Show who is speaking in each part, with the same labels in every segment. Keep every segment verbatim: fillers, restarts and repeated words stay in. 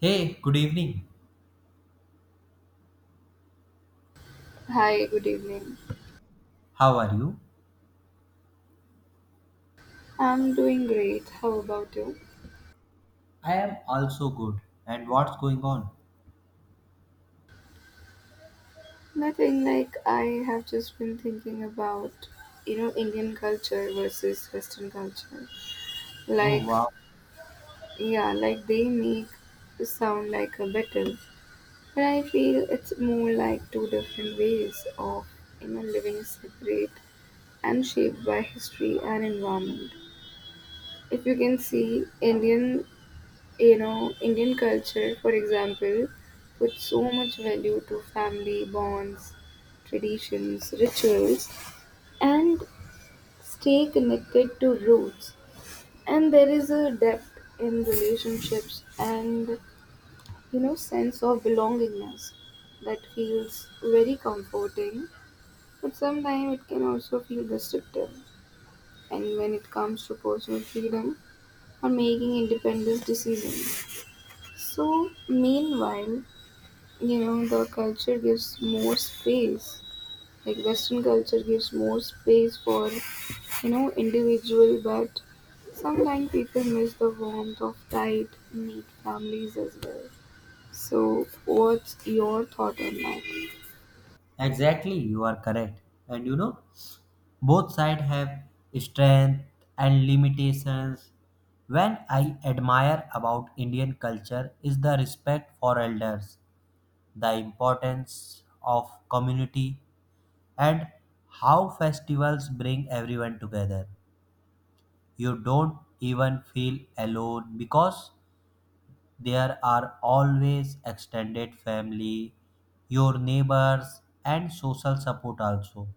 Speaker 1: Hey, good evening.
Speaker 2: Hi, good evening.
Speaker 1: How are you?
Speaker 2: I'm doing great. How about you?
Speaker 1: I am also good. And what's going on?
Speaker 2: Nothing like I have just been thinking about, you know, Indian culture versus Western culture.
Speaker 1: Oh,
Speaker 2: Like,
Speaker 1: wow.
Speaker 2: yeah, like they make the sound like a battle, but I feel it's more like two different ways of, you know, living separate and shaped by history and environment. If you can see, Indian You know, Indian culture, for example, puts so much value to family bonds, traditions, rituals, and stay connected to roots. And there is a depth in relationships and, you know, sense of belongingness that feels very comforting, but sometimes it can also feel restrictive. And when it comes to personal freedom or making independent decisions. So, meanwhile, you know the culture gives more space, like western culture gives more space for you know individual, but sometimes people miss the warmth of tight knit families as well. So what's your thought on that?
Speaker 1: Exactly, you are correct. And you know, both sides have strength and limitations. When I admire about Indian culture is the respect for elders, the importance of community, and how festivals bring everyone together. You don't even feel alone because there are always extended family, your neighbors, and social support also.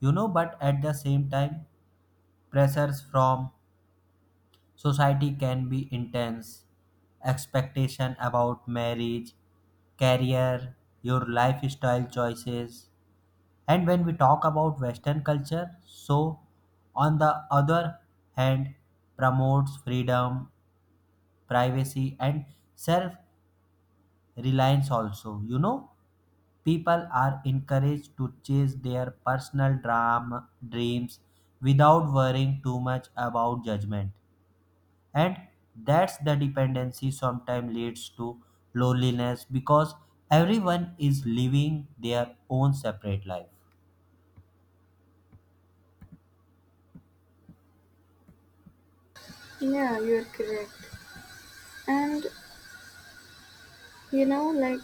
Speaker 1: You know, but at the same time, pressures from society can be intense. Expectation about marriage, career, your lifestyle choices. And when we talk about Western culture, so on the other hand, promotes freedom, privacy, and self reliance also. You know, people are encouraged to chase their personal drama dreams without worrying too much about judgment. And that's the dependency sometimes leads to loneliness because everyone is living their own separate life.
Speaker 2: Yeah, you're correct. And you know like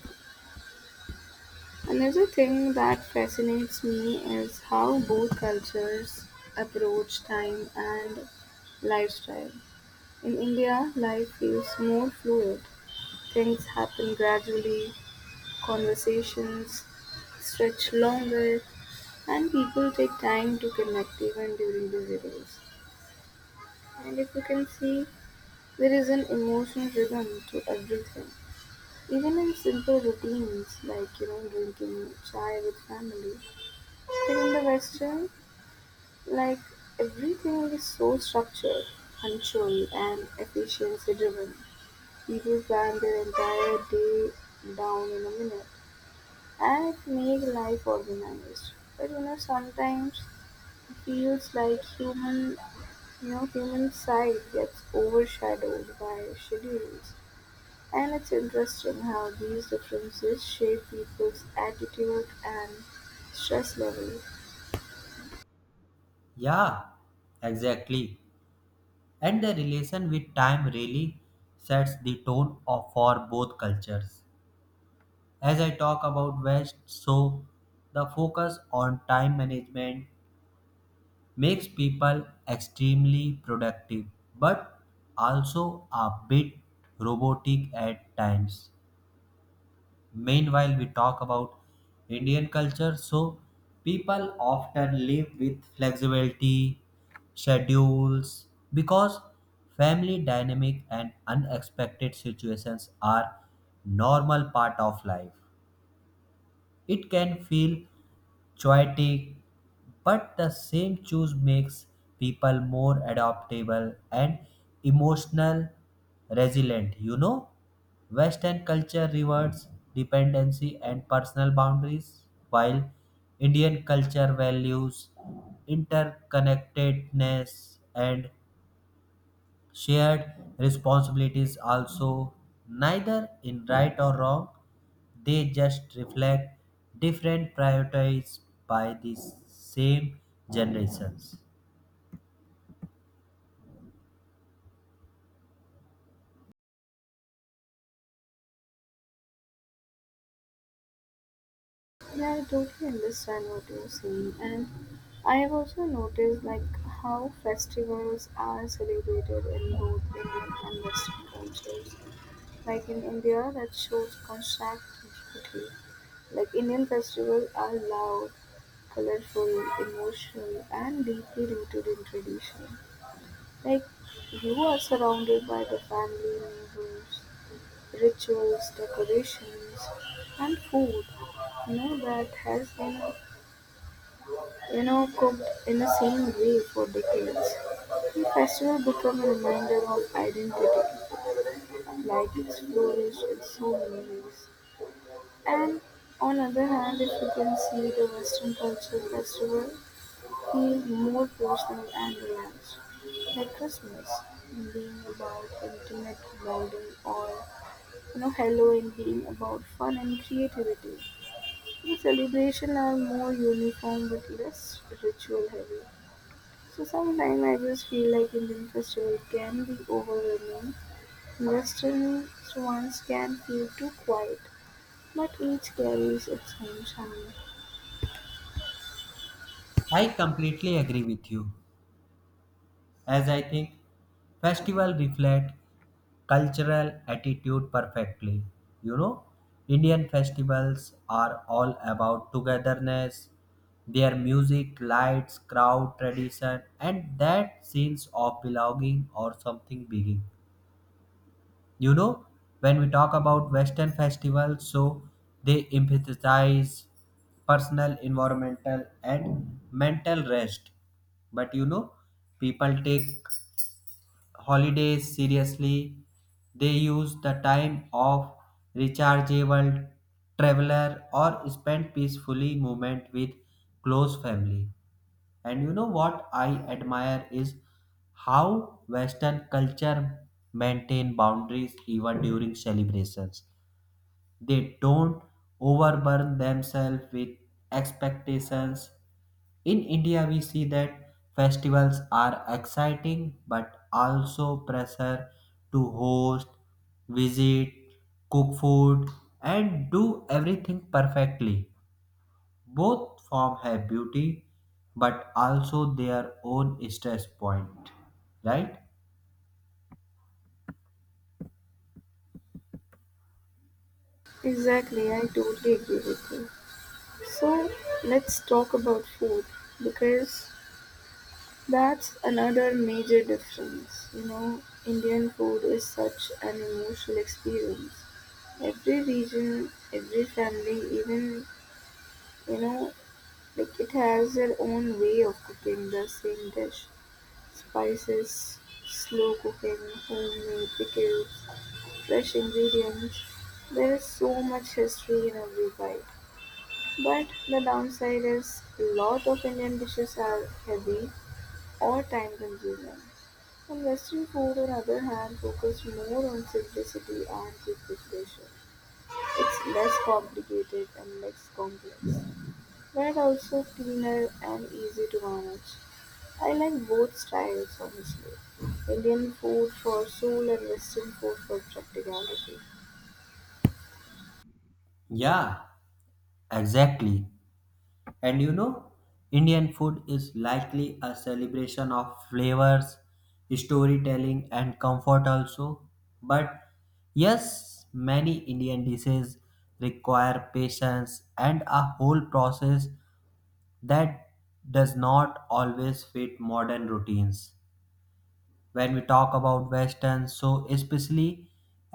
Speaker 2: another thing that fascinates me is how both cultures approach time and lifestyle. In India, life feels more fluid. Things happen gradually, conversations stretch longer, and people take time to connect even during busy days. And if you can see, there is an emotional rhythm to everything. Even in simple routines like you know drinking chai with family. But in the Western, like everything is so structured, punctual and efficiency driven. People plan their entire day down in a minute, and it makes life organized. But you know, sometimes it feels like human, you know, human side gets overshadowed by schedules. And it's interesting how these differences shape people's attitude and stress level.
Speaker 1: Yeah, exactly. And the relation with time really sets the tone of, for both cultures. As I talk about West, so the focus on time management makes people extremely productive but also a bit robotic at times. Meanwhile, we talk about Indian culture, so people often live with flexibility, schedules, because family dynamic and unexpected situations are normal part of life. It can feel chaotic, but the same choice makes people more adaptable and emotional resilient. You know, Western culture rewards dependency and personal boundaries, while Indian culture values interconnectedness and shared responsibilities also. Neither in right or wrong, they just reflect different priorities by the same generations.
Speaker 2: Yeah, I totally understand what you're saying, and I have also noticed like how festivals are celebrated in both Indian and Western cultures. Like in India, that shows contrast and beauty. Like Indian festivals are loud, colorful, emotional, and deeply rooted in tradition. Like you are surrounded by the family, neighbors, rituals, decorations, and food. You know that has been you know, cooked in the same way for decades, the festival became a reminder of identity, like it's flourished in so many ways. And on other hand, if you can see the Western culture festival feel more personal and relaxed, like Christmas being about intimate bonding or you know Halloween being about fun and creativity. The celebration are more uniform but less ritual heavy. So sometimes I just feel like Indian festival can be overwhelming. Western ones can feel too quiet, but each carries its own charm.
Speaker 1: I completely agree with you. As I think festival reflect cultural attitude perfectly. You know, Indian festivals are all about togetherness, their music, lights, crowd, tradition, and that sense of belonging or something big. You know, when we talk about Western festivals, so they emphasize personal, environmental, and mental rest. But you know, people take holidays seriously. They use the time of rechargeable traveler or spend peacefully moment with close family. And you know what I admire is how Western culture maintain boundaries even during celebrations. They don't overburden themselves with expectations. In India, we see that festivals are exciting but also pressure to host, visit, cook food, and do everything perfectly. Both form have beauty but also their own stress point, right?
Speaker 2: Exactly, I totally agree with you. So let's talk about food because that's another major difference. You know, Indian food is such an emotional experience. Every region, every family, even you know Like it has their own way of cooking the same dish: spices, slow cooking, homemade pickles, fresh ingredients. There is so much history in every bite. But the downside is a lot of Indian dishes are heavy or time consuming. And Western food, on other hand, focus more on simplicity and quick preparation. It's less complicated and less complex, but also cleaner and easy to manage. I like both styles honestly. Indian food for soul and Western food for practicality.
Speaker 1: Yeah, exactly. And you know, Indian food is likely a celebration of flavors, storytelling, and comfort also. But yes, many Indian dishes require patience and a whole process that does not always fit modern routines. When we talk about western, so especially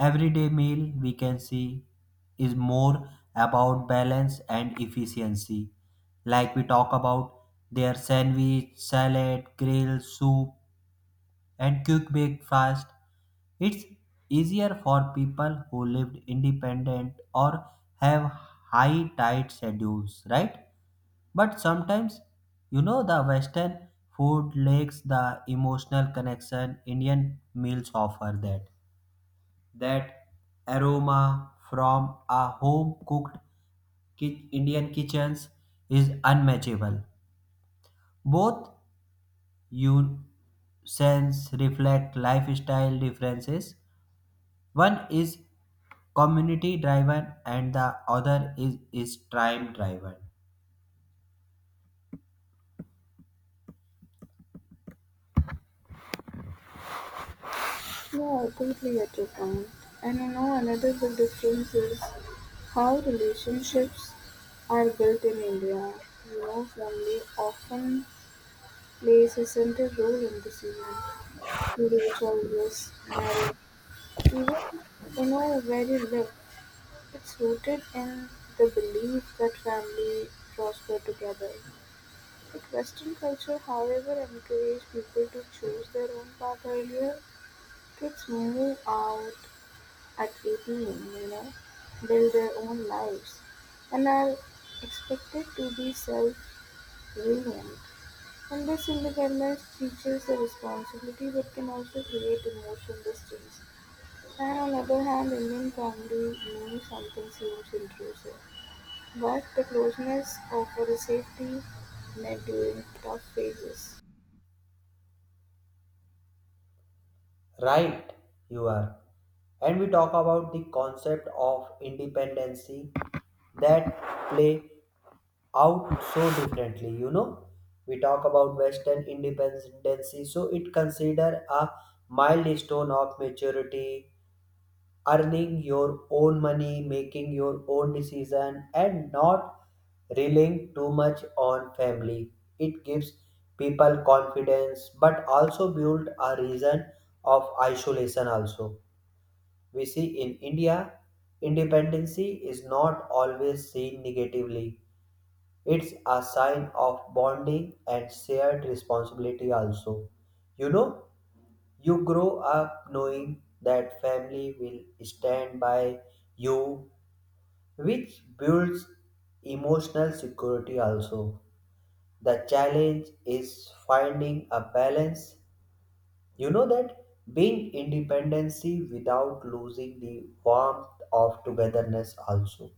Speaker 1: everyday meal we can see is more about balance and efficiency, like we talk about their sandwich salad grill soup and quick breakfast. It's easier for people who lived independent or have high tight schedules, right? But sometimes, you know, the Western food lacks the emotional connection Indian meals offer that. That aroma from a home cooked ki- Indian kitchens is unmatchable. Both you sense reflect lifestyle differences. One is community driven and the other is, is time driven.
Speaker 2: No, I totally get your point. And you know another big difference is how relationships are built in India. You know, family often plays a central role in decision. Marriage, always marriage, even you know very little. It's rooted in the belief that family prosper together. Western culture, however, encouraged people to choose their own path earlier. Kids move out at eighteen, you know, build their own lives, and are expected to be self-reliant. And this independence teaches the responsibility but can also create emotional distance. And on the other hand, Indian family means something seems intrusive. But the closeness offers a safety net during tough phases.
Speaker 1: Right, you are. And we talk about the concept of independency that play out so differently. You know, we talk about Western independency, so it consider a milestone of maturity, earning your own money, making your own decision, and not relying too much on family. It gives people confidence, but also build a reason of isolation. Also, we see in India, independency is not always seen negatively. It's a sign of bonding and shared responsibility. Also, you know, you grow up knowing that family will stand by you, which builds emotional security also. The challenge is finding a balance. You know that being independency without losing the warmth of togetherness also.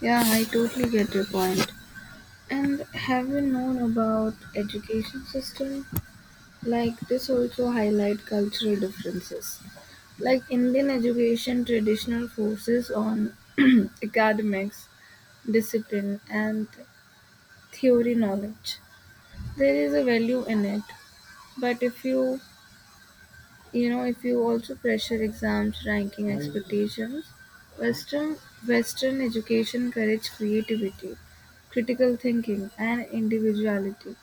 Speaker 2: Yeah, I totally get your point. And have you known about education system? Like this also highlight cultural differences. Like Indian education traditional focuses on academics, discipline and theory knowledge. There is a value in it. But if you You know, if you also pressure exams, ranking expectations, Western Western education encourages creativity, critical thinking, and individuality,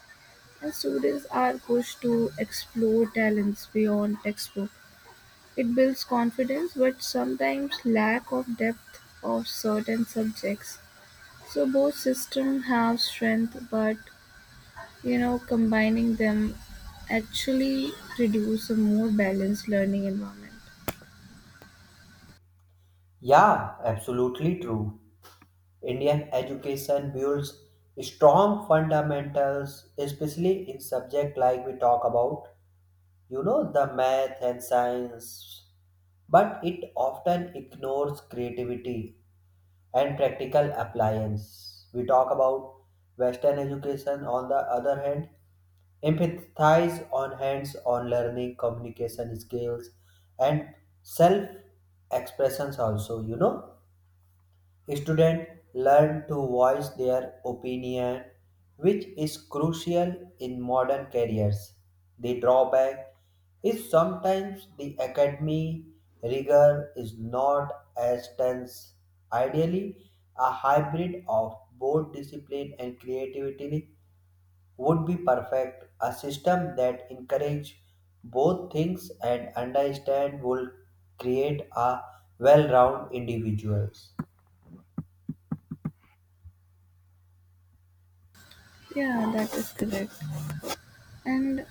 Speaker 2: and students are pushed to explore talents beyond textbook. It builds confidence, but sometimes lack of depth of certain subjects. So both systems have strength, but you know, combining them actually produce a more balanced learning environment.
Speaker 1: Yeah, absolutely true. Indian education builds strong fundamentals, especially in subject like we talk about, you know, the math and science, but it often ignores creativity and practical appliance. We talk about western education, on the other hand, empathize on hands on learning, communication skills, and self expressions also. You know, students learn to voice their opinion, which is crucial in modern careers. The drawback is sometimes the academy rigor is not as tense. Ideally, a hybrid of both discipline and creativity would be perfect. A system that encourages both things and understand will create a well-rounded individuals.
Speaker 2: Yeah, that is correct. And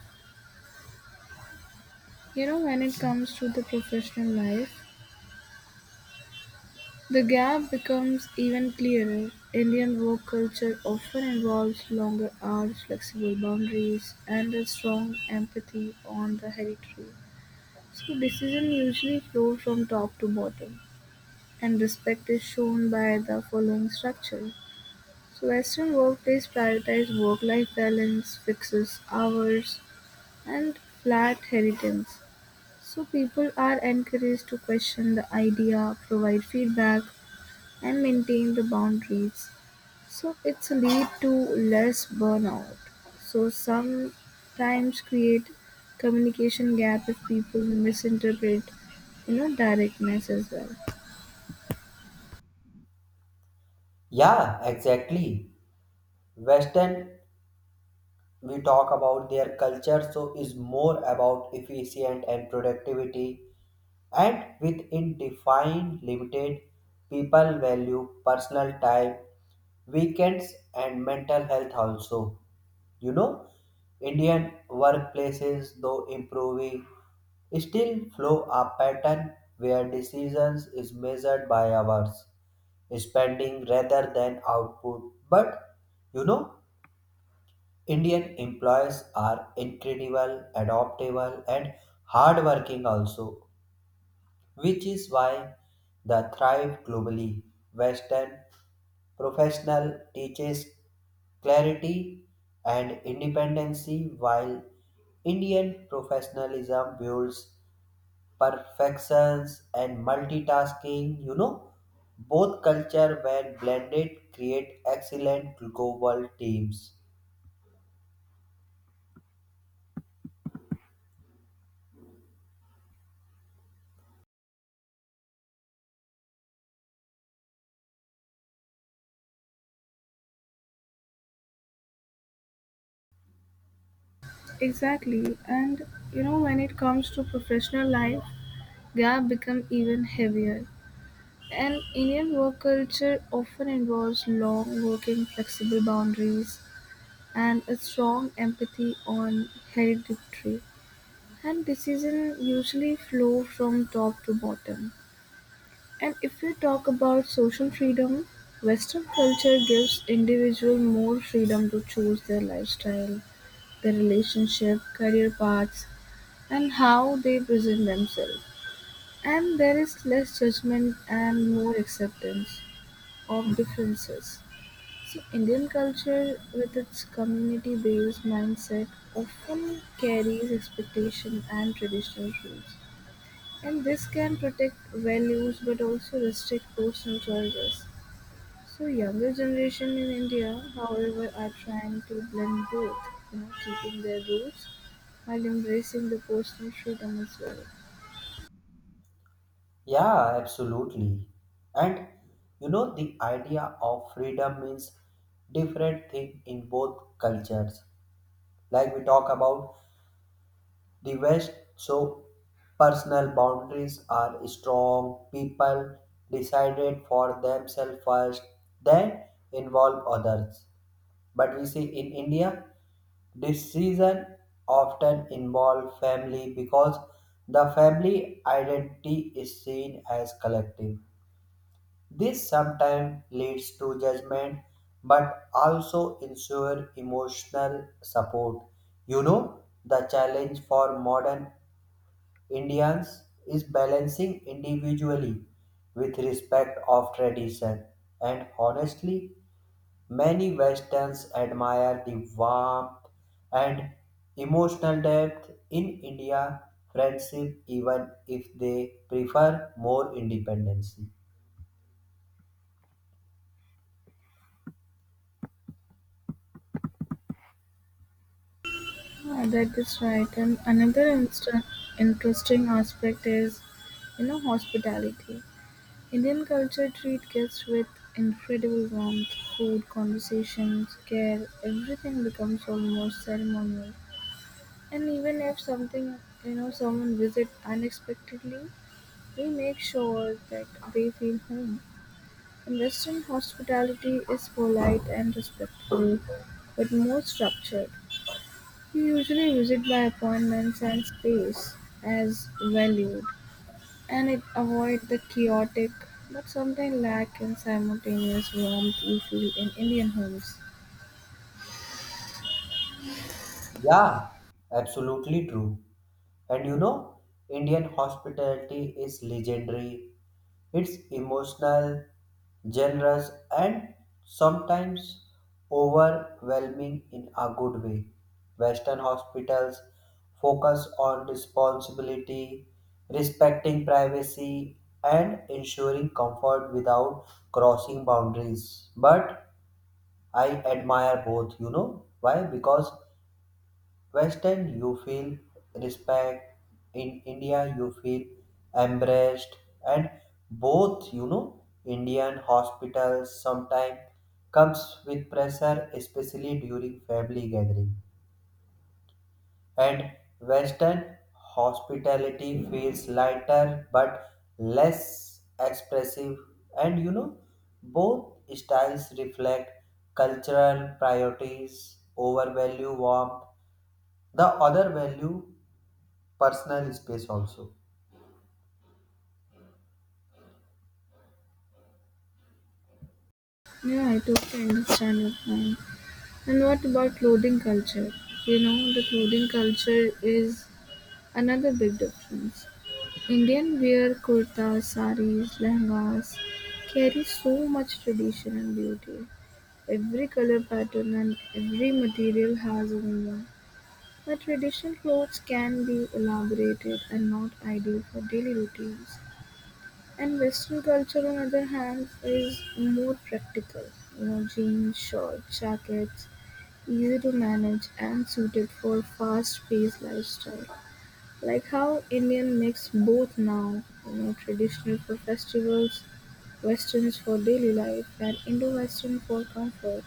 Speaker 2: you know, when it comes to the professional life, the gap becomes even clearer. Indian work culture often involves longer hours, flexible boundaries, and a strong empathy on the hereditary. So, decision usually flow from top to bottom, and respect is shown by the following structure. So, Western workplace prioritize work life balance, fixes hours, and flat inheritance. So people are encouraged to question the idea, provide feedback, and maintain the boundaries. So it's lead to less burnout. So sometimes create communication gap if people misinterpret, you know, directness as well.
Speaker 1: Yeah, exactly. Western, we talk about their culture, so is more about efficient and productivity. And within defined, limited, people value personal time, weekends, and mental health also. You know, Indian workplaces, though improving, still flow a pattern where decisions is measured by hours spending rather than output. But you know, Indian employees are incredible, adaptable, and hardworking also, which is why they thrive globally. Western professional teaches clarity and independency, while Indian professionalism builds perfections and multitasking. You know, both culture when blended create excellent global teams.
Speaker 2: Exactly, and you know when it comes to professional life, gap become even heavier. And Indian work culture often involves long working, flexible boundaries and a strong empathy on hereditary and decisions usually flow from top to bottom. And if we talk about social freedom, Western culture gives individuals more freedom to choose their lifestyle, their relationship, career paths, and how they present themselves. And there is less judgment and more acceptance of differences. So Indian culture with its community-based mindset often carries expectation and traditional rules. And this can protect values but also restrict personal choices. So younger generation in India, however, are trying to blend both, you know, keeping their roots while embracing the personal freedom as well.
Speaker 1: Yeah, absolutely. And you know, the idea of freedom means different thing in both cultures. Like we talk about the west, so personal boundaries are strong, people decided for themselves first, then involve others. But we see in India, decisions often involve family because the family identity is seen as collective. This sometimes leads to judgment but also ensure emotional support. You know, the challenge for modern Indians is balancing individually with respect of tradition. And honestly, many Westerns admire the warmth and emotional depth in India friendship even if they prefer more independency.
Speaker 2: Yeah, that is right. And another insta- interesting aspect is, you know, hospitality. Indian culture treats guests with incredible warmth, food, conversations, care, everything becomes almost ceremonial. And even if something, you know, someone visits unexpectedly, we make sure that they feel home. And Western hospitality is polite and respectful, but more structured. We usually visit by appointments and space as valued, and it avoid the chaotic but sometimes lack in simultaneous warmth we feel in Indian homes.
Speaker 1: Yeah, absolutely true. And you know, Indian hospitality is legendary. It's emotional, generous, and sometimes overwhelming in a good way. Western hospitals focus on responsibility, respecting privacy, and ensuring comfort without crossing boundaries. But I admire both, you know. Why? Because Western, you feel respect. In India, you feel embraced. And both, you know, Indian hospitals sometimes comes with pressure, especially during family gathering. And Western hospitality feels lighter but less expressive. And you know, both styles reflect cultural priorities over value warmth. The other value personal space also.
Speaker 2: Yeah, I totally understand your point. And what about clothing culture? You know, the clothing culture is another big difference. Indian wear kurtas, saris, lehengas carry so much tradition and beauty. Every color pattern and every material has a meaning. But traditional clothes can be elaborated and not ideal for daily routines. And Western culture, on other hand, is more practical. You know, jeans, shorts, jackets, easy to manage and suited for fast-paced lifestyle. Like how Indian mix both now, you know, traditional for festivals, westerns for daily life, and Indo-Western for comfort.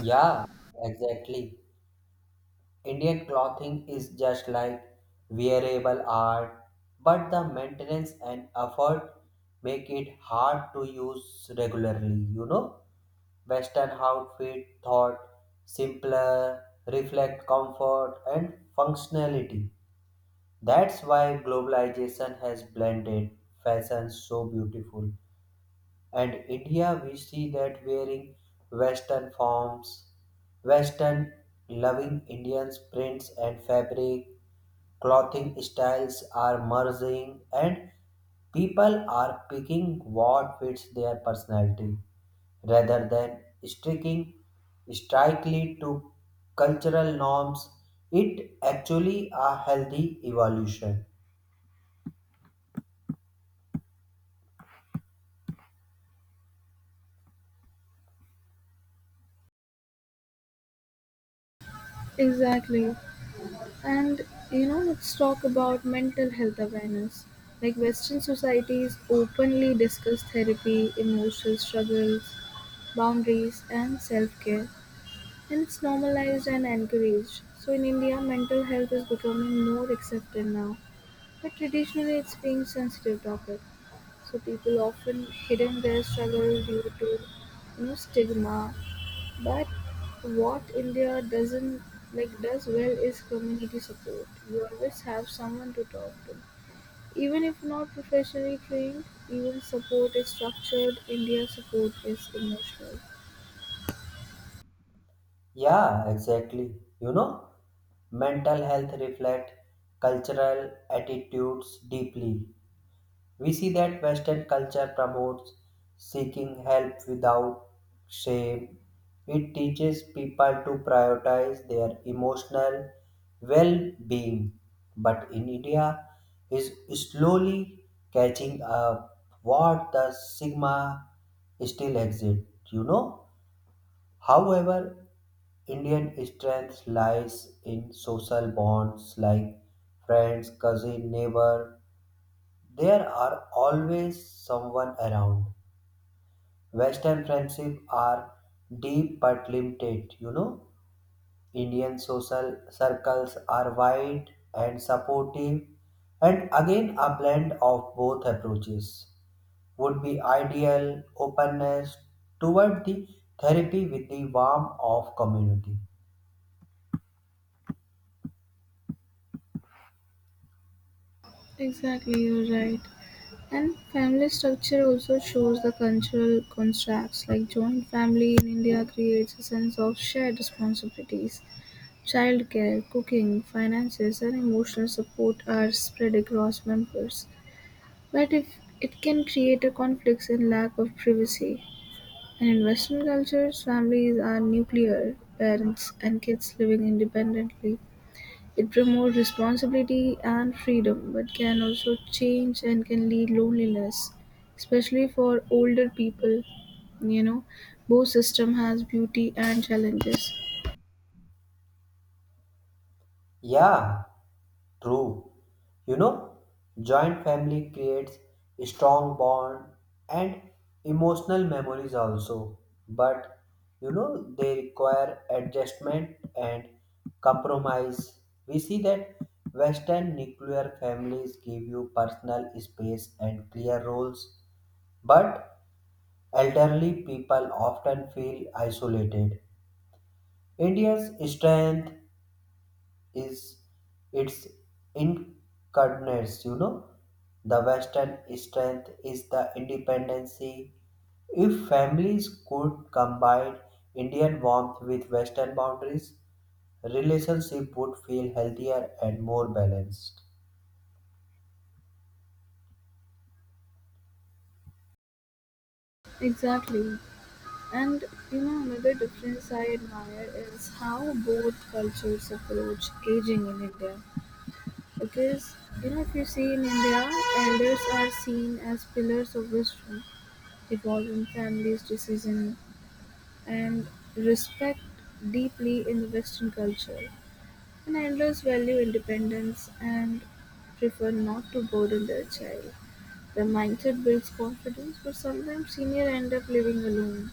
Speaker 1: Yeah, exactly. Indian clothing is just like wearable art, but the maintenance and effort make it hard to use regularly, you know? Western outfit thought simpler, reflect comfort and functionality. That's why globalization has blended fashion so beautiful. And India, we see that wearing Western forms, Western loving Indians' prints and fabric, clothing styles are merging, and people are picking what fits their personality rather than sticking strictly to cultural norms. It actually a healthy evolution.
Speaker 2: Exactly. And you know, let's talk about mental health awareness. Like Western societies openly discuss therapy, emotional struggles, boundaries, and self care, and it's normalized and encouraged. So in India, mental health is becoming more accepted now, but traditionally it's being sensitive topic. So people often hidden their struggle due to you know stigma, but what India doesn't like does well is community support. You always have someone to talk to. Even if not professionally trained, even support is structured, India support is emotional.
Speaker 1: Yeah, exactly. You know, mental health reflect cultural attitudes deeply. We see that Western culture promotes seeking help without shame. It teaches people to prioritize their emotional well-being. But in India is slowly catching up, what the stigma still exists, you know. However, Indian strength lies in social bonds like friends, cousin, neighbor. There are always someone around. Western friendships are deep but limited, you know. Indian social circles are wide and supportive, and again, a blend of both approaches would be ideal, openness toward the therapy with the warmth of community.
Speaker 2: Exactly, you're right. And family structure also shows the cultural contracts, like joint family in India creates a sense of shared responsibilities. Childcare, cooking, finances, and emotional support are spread across members. But if it can create a conflicts and lack of privacy, and in Western cultures, families are nuclear, parents and kids living independently. It promotes responsibility and freedom, but can also change and can lead loneliness, especially for older people. You know, both system has beauty and challenges.
Speaker 1: Yeah, true. You know, joint family creates strong bond and emotional memories also. But you know, they require adjustment and compromise. We see that Western nuclear families give you personal space and clear roles, but elderly people often feel isolated. India's strength is its incarnates, you know. The Western strength is the independency. If families could combine Indian warmth with Western boundaries, relationship would feel healthier and more balanced.
Speaker 2: Exactly. And you know, another difference I admire is how both cultures approach aging in India. Because, you know, if you see in India, elders are seen as pillars of wisdom, evolving families' decision and respect deeply in the Western culture. And elders value independence and prefer not to burden their child. The mindset builds confidence, but sometimes senior end up living alone.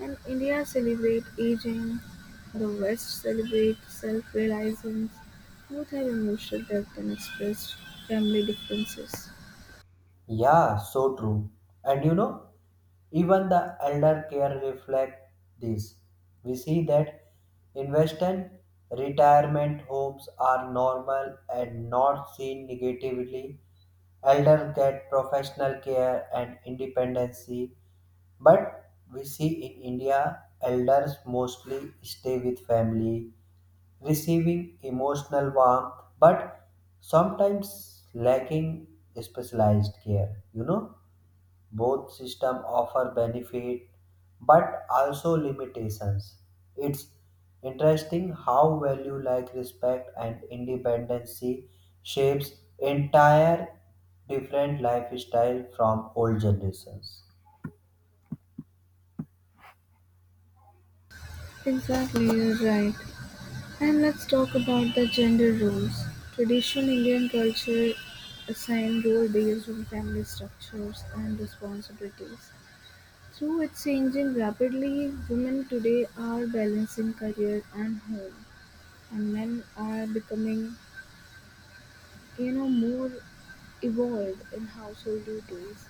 Speaker 2: And India celebrate aging, the West celebrate self-realization, both have emotional depth and express family differences.
Speaker 1: Yeah, so true. And you know, even the elder care reflect this. We see that in Western, retirement homes are normal and not seen negatively. Elder get professional care and independency, but we see in India, elders mostly stay with family receiving emotional warmth, but sometimes lacking specialized care. You know, both system offer benefit but also limitations. It's interesting how value like respect and independency shapes entire different lifestyle from old generations.
Speaker 2: Exactly, you're right. And let's talk about the gender roles. Traditional Indian culture assign role based on family structures and responsibilities. Through its changing rapidly, women today are balancing career and home, and men are becoming you know, more evolved in household duties.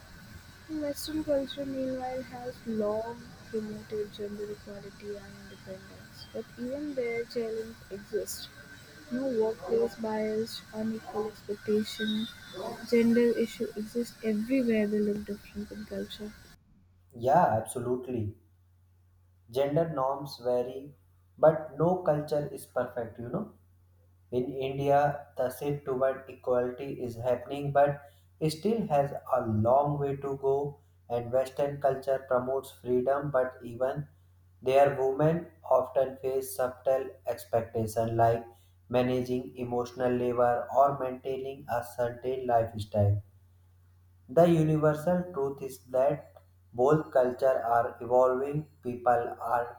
Speaker 2: Western culture, meanwhile, has long promoted gender equality and independence, but even there, challenges exist. No workplace bias, unequal expectation, gender issue exist everywhere they look different in culture.
Speaker 1: Yeah, absolutely. Gender norms vary, but no culture is perfect, you know. In India, the shift toward equality is happening, but it still has a long way to go. And Western culture promotes freedom, but even their women often face subtle expectations like managing emotional labor or maintaining a certain lifestyle. The universal truth is that both cultures are evolving, people are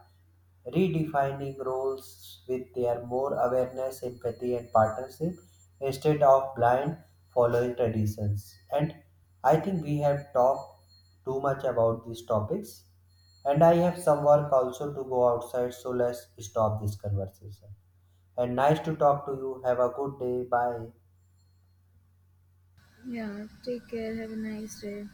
Speaker 1: redefining roles with their more awareness, empathy, and partnership instead of blind following traditions. And I think we have talked too much about these topics. And I have some work also to go outside, so let's stop this conversation. And nice to talk to you. Have a good day. Bye.
Speaker 2: Yeah, take care. Have a nice day.